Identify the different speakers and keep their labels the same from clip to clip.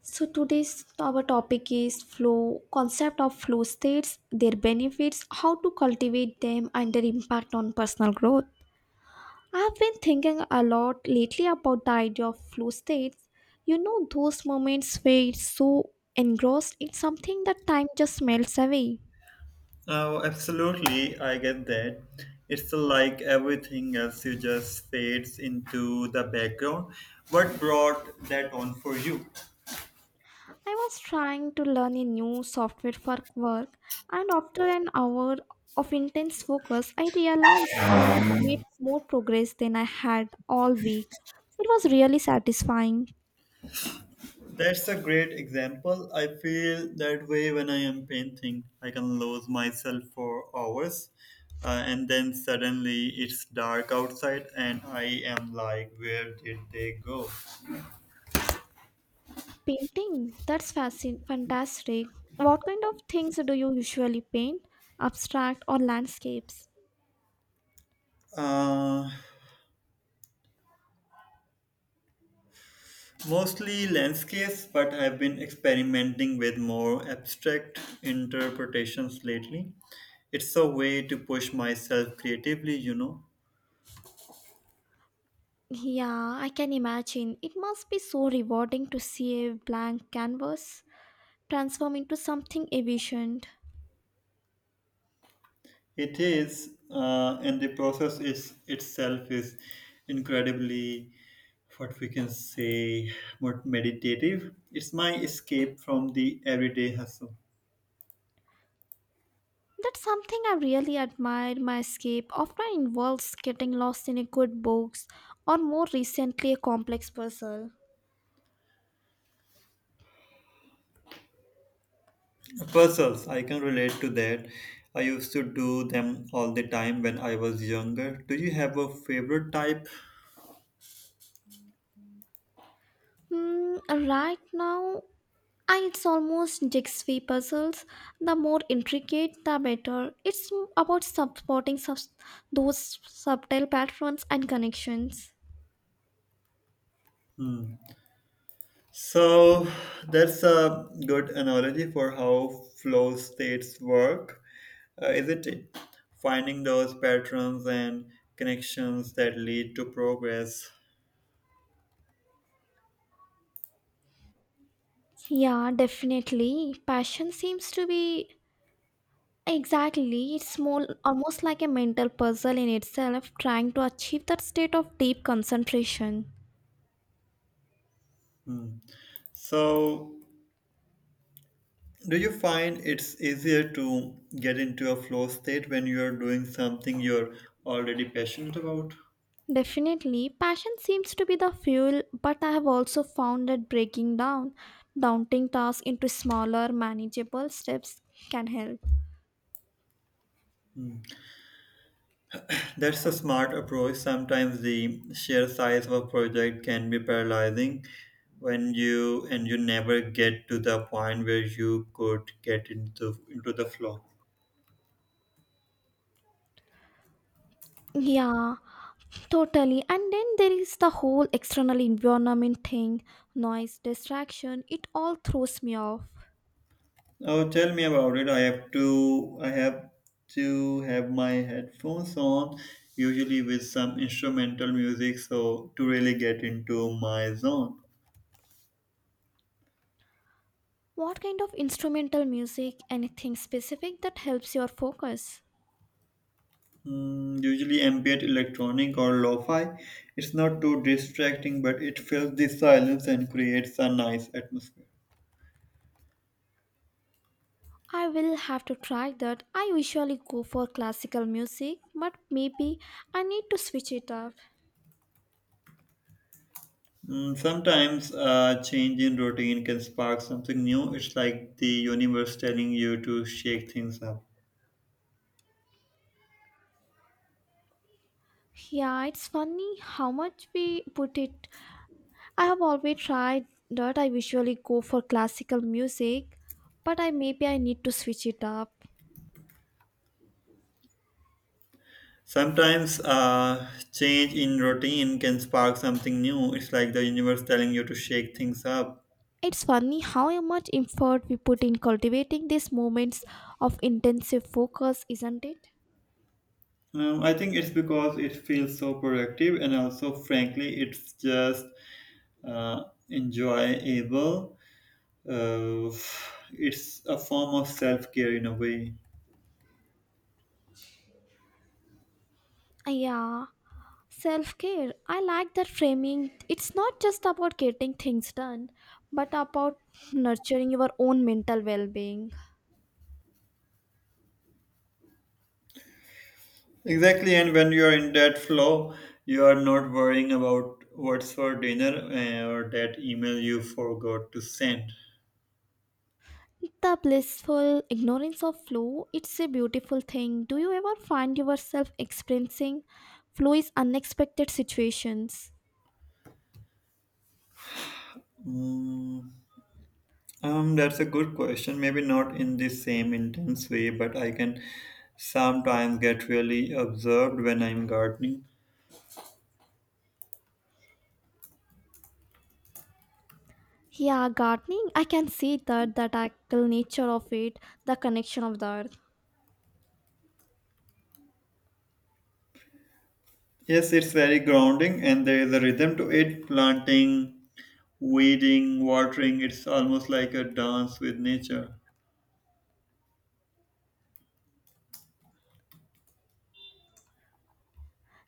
Speaker 1: So today's our topic is flow, concept of flow states, their benefits, how to cultivate them, and their impact on personal growth. I've been thinking a lot lately about the idea of flow states. You know those moments where it's so engrossed in something that time just melts away.
Speaker 2: Oh, absolutely, I get that. It's like everything else you just fades into the background. What brought that on for you?
Speaker 1: I was trying to learn a new software for work, and after an hour of intense focus, I realized I would make more progress than I had all week. It was really satisfying.
Speaker 2: That's a great example. I feel that way when I am painting. I can lose myself for hours, and then suddenly it's dark outside, and I am like, where did they go?
Speaker 1: Painting? That's fantastic. What kind of things do you usually paint? Abstract or landscapes?
Speaker 2: Uh, Mostly landscapes, but I've been experimenting with more abstract interpretations lately. It's a way to push myself creatively.
Speaker 1: Yeah, I can imagine. It must be so rewarding to see a blank canvas transform into something efficient.
Speaker 2: It is, and the process is itself is incredibly, what we can say, more meditative. It's my escape from the everyday hustle.
Speaker 1: That's something I really admire. My escape often involves getting lost in a good books, or more recently a complex puzzle.
Speaker 2: Puzzles, I can relate to that. I used to do them all the time when I was younger. Do you have a favorite type?
Speaker 1: Hmm, right now, it's almost jigsaw puzzles. The more intricate, the better. It's about supporting those subtle patterns and connections.
Speaker 2: Hmm. So that's a good analogy for how flow states work, isn't it? Finding those patterns and connections that lead to progress.
Speaker 1: Yeah, definitely. Passion seems to be exactly, it's small, almost like a mental puzzle in itself, trying to achieve that state of deep concentration.
Speaker 2: Hmm. So, do you find it's easier to get into a flow state when you're doing something you're already passionate about?
Speaker 1: Definitely, passion seems to be the fuel, but I have also found that breaking down daunting tasks into smaller, manageable steps can help.
Speaker 2: That's a smart approach. Sometimes the sheer size of a project can be paralyzing when you never get to the point where you could get into the flow.
Speaker 1: Yeah, totally. And then there is the whole external environment thing, noise, distraction, it all throws me off.
Speaker 2: Oh, tell me about it. I have to have my headphones on, usually with some instrumental music, so to really get into my zone.
Speaker 1: What kind of instrumental music, anything specific that helps your focus?
Speaker 2: Mm, usually ambient electronic or lo-fi. It's not too distracting, but it fills the silence and creates a nice atmosphere.
Speaker 1: I will have to try that. I usually go for classical music, but maybe I need to switch it up.
Speaker 2: Mm, sometimes a change in routine can spark something new. It's like the universe telling you to shake things up.
Speaker 1: Yeah, it's funny how much we put it. I have always tried that. I usually go for classical music, but I maybe I need to switch it up.
Speaker 2: Sometimes a change in routine can spark something new. It's like the universe telling you to shake things up.
Speaker 1: It's funny how much effort we put in cultivating these moments of intensive focus, isn't it?
Speaker 2: I think it's because it feels so productive, and also, frankly, it's just uh, enjoyable. Uh, it's a form of self care in a way.
Speaker 1: Yeah, self care. I like that framing. It's not just about getting things done, but about nurturing your own mental well being.
Speaker 2: Exactly, and when you are in that flow, you are not worrying about what's for dinner or that email you forgot to send.
Speaker 1: The blissful ignorance of flow, it's a beautiful thing. Do you ever find yourself experiencing flow is unexpected situations?
Speaker 2: Mm, that's a good question. Maybe not in the same intense way, but I can sometimes get really observed when I'm gardening.
Speaker 1: Yeah, gardening, I can see that, the tactile nature of it, the connection of the earth.
Speaker 2: Yes, it's very grounding, and there is a rhythm to it. Planting weeding, watering. It's almost like a dance with nature.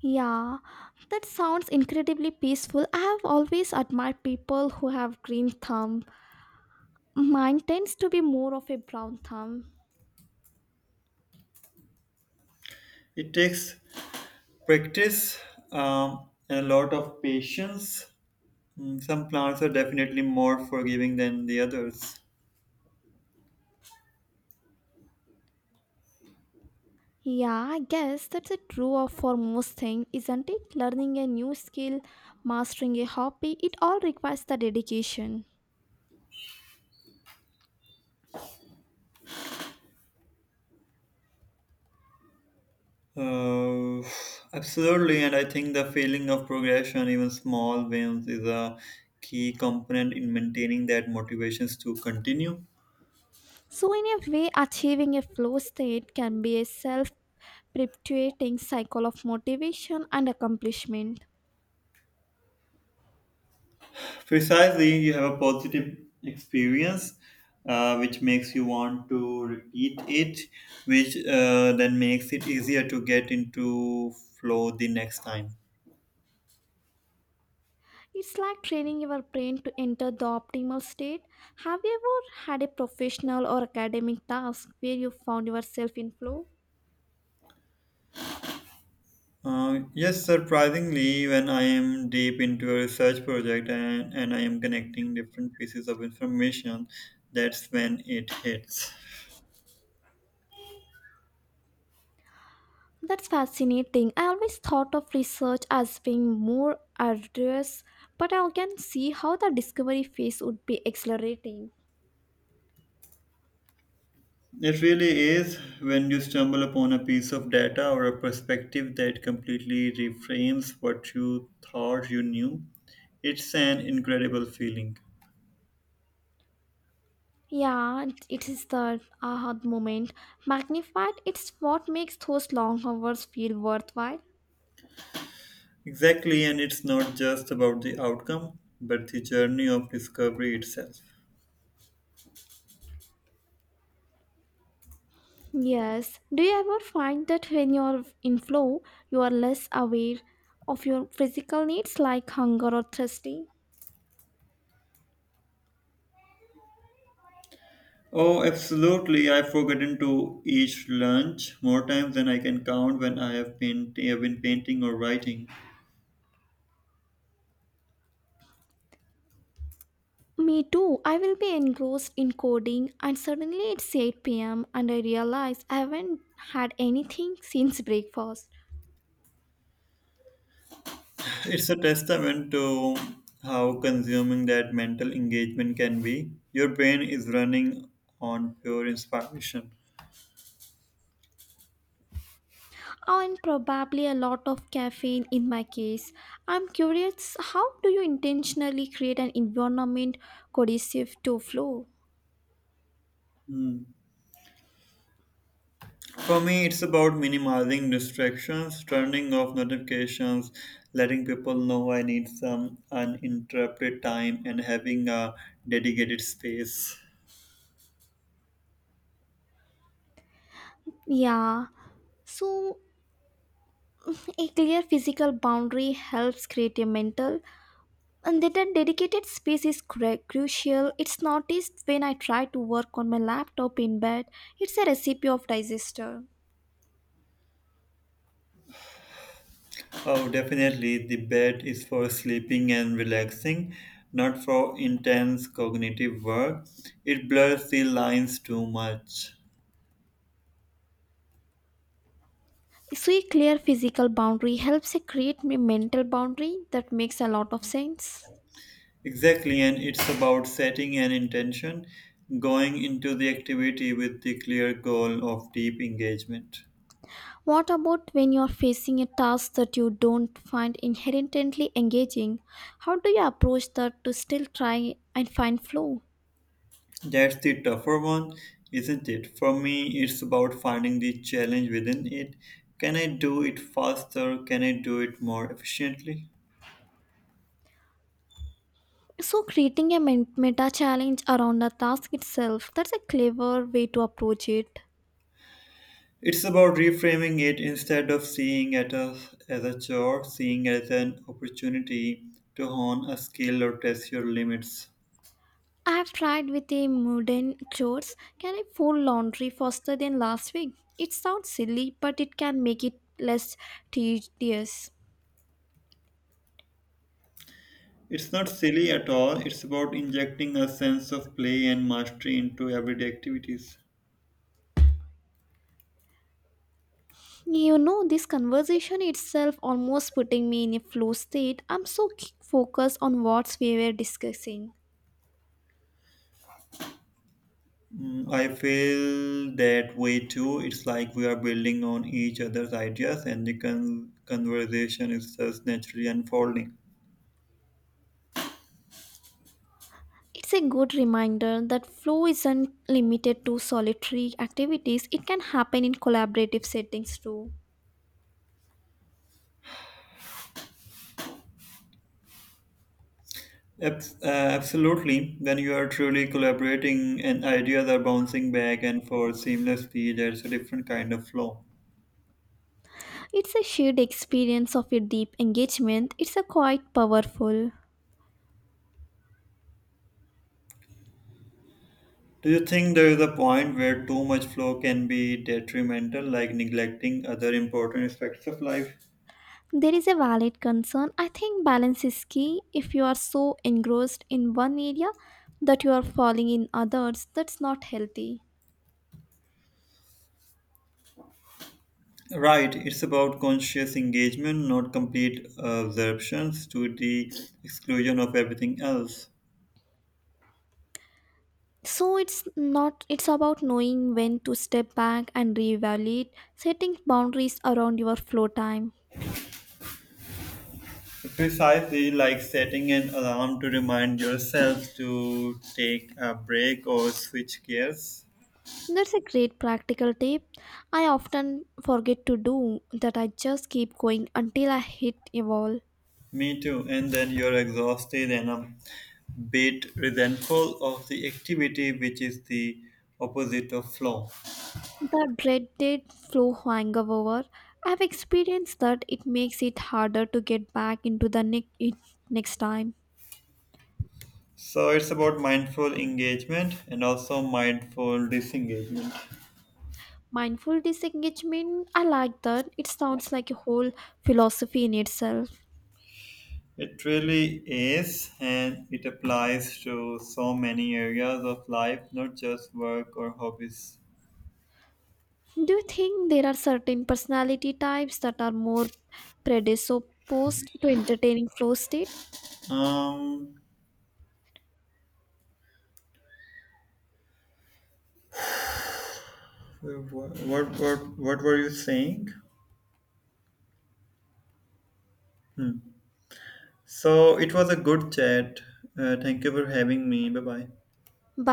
Speaker 1: Yeah, that sounds incredibly peaceful. I have always admired people who have green thumb. Mine tends to be more of a brown thumb.
Speaker 2: It takes practice and a lot of patience. Mm, some plants are definitely more forgiving than the others.
Speaker 1: Yeah, I guess that's a true of for most things, isn't it? Learning a new skill, mastering a hobby, it all requires the dedication.
Speaker 2: Uh, Absolutely, and I think the feeling of progression, even small wins, is a key component in maintaining that motivations to continue.
Speaker 1: So, in a way, achieving a flow state can be a self perpetuating cycle of motivation and accomplishment.
Speaker 2: Precisely, you have a positive experience, which makes you want to repeat it, which then makes it easier to get into flow the next time.
Speaker 1: It's like training your brain to enter the optimal state. Have you ever had a professional or academic task where you found yourself in flow?
Speaker 2: Yes, surprisingly, when I am deep into a research project and I am connecting different pieces of information, that's when it hits.
Speaker 1: That's fascinating. I always thought of research as being more arduous, but I can see how the discovery phase would be exhilarating.
Speaker 2: It really is when you stumble upon a piece of data or a perspective that completely reframes what you thought you knew. It's an incredible feeling.
Speaker 1: Yeah, it is the aha moment. Magnified, it's what makes those long hours feel worthwhile.
Speaker 2: Exactly, and it's not just about the outcome, but the journey of discovery itself.
Speaker 1: Yes. Do you ever find that when you're in flow, you are less aware of your physical needs like hunger or thirsty?
Speaker 2: Oh, absolutely. I've forgotten to eat lunch more times than I can count when I have been painting or writing.
Speaker 1: Me too. I will be engrossed in coding, and suddenly it's 8 p.m., and I realize I haven't had anything since breakfast.
Speaker 2: It's a testament to how consuming that mental engagement can be. Your brain is running on pure inspiration.
Speaker 1: Oh, and probably a lot of caffeine in my case. I'm curious, how do you intentionally create an environment conducive to flow?
Speaker 2: Hmm. For me, it's about minimizing distractions, turning off notifications, letting people know I need some uninterrupted time, and having a dedicated space.
Speaker 1: Yeah, so a clear physical boundary helps create a mental, and that a dedicated space is crucial. It's noticed when I try to work on my laptop in bed. It's a recipe of disaster.
Speaker 2: Oh, definitely. The bed is for sleeping and relaxing, not for intense cognitive work. It blurs the lines too much.
Speaker 1: So a clear physical boundary helps a create a mental boundary, that makes a lot of sense.
Speaker 2: Exactly, and it's about setting an intention, going into the activity with the clear goal of deep engagement.
Speaker 1: What about when you're facing a task that you don't find inherently engaging? How do you approach that to still try and find flow?
Speaker 2: That's the tougher one, isn't it? For me, it's about finding the challenge within it. Can I do it faster? Can I do it more efficiently?
Speaker 1: So creating a meta challenge around the task itself, that's a clever way to approach it.
Speaker 2: It's about reframing it instead of seeing it as a chore, seeing it as an opportunity to hone a skill or test your limits.
Speaker 1: I have tried with a modern chores. Can I fold laundry faster than last week? It sounds silly, but it can make it less tedious.
Speaker 2: It's not silly at all, it's about injecting a sense of play and mastery into everyday activities.
Speaker 1: You know, this conversation itself almost putting me in a flow state. I'm so focused on what we were discussing.
Speaker 2: Mm, I feel that way too. It's like we are building on each other's ideas and the conversation is just naturally unfolding.
Speaker 1: It's a good reminder that flow isn't limited to solitary activities, it can happen in collaborative settings too.
Speaker 2: Abs- uh, absolutely. When you are truly collaborating and ideas are bouncing back and forth seamlessly, there's a different kind of flow.
Speaker 1: It's a shared experience of a deep engagement, it's a quite powerful.
Speaker 2: Do you think there is a point where too much flow can be detrimental, like neglecting other important aspects of life?
Speaker 1: There is a valid concern. I think balance is key. If you are so engrossed in one area that you are falling in others, that's not healthy.
Speaker 2: Right, it's about conscious engagement, not complete absorptions to the exclusion of everything else.
Speaker 1: So it's not it's about knowing when to step back and reevaluate, setting boundaries around your flow time.
Speaker 2: Precisely like setting an alarm to remind yourself to take a break or switch gears.
Speaker 1: That's a great practical tip. I often forget to do that, I just keep going until I hit a wall.
Speaker 2: Me too, and then you're exhausted and a bit resentful of the activity, which is the opposite of flow.
Speaker 1: The dreaded flu hangover. I've experienced that, it makes it harder to get back into the nick it next time.
Speaker 2: So it's about mindful engagement and also mindful disengagement.
Speaker 1: Mindful disengagement, I like that. It sounds like a whole philosophy in itself.
Speaker 2: It really is, and it applies to so many areas of life, not just work or hobbies.
Speaker 1: Do you think there are certain personality types that are more predisposed to entertaining flow state?
Speaker 2: Um, what were you saying? Hmm. So it was a good chat. Thank you for having me. Bye bye.
Speaker 1: By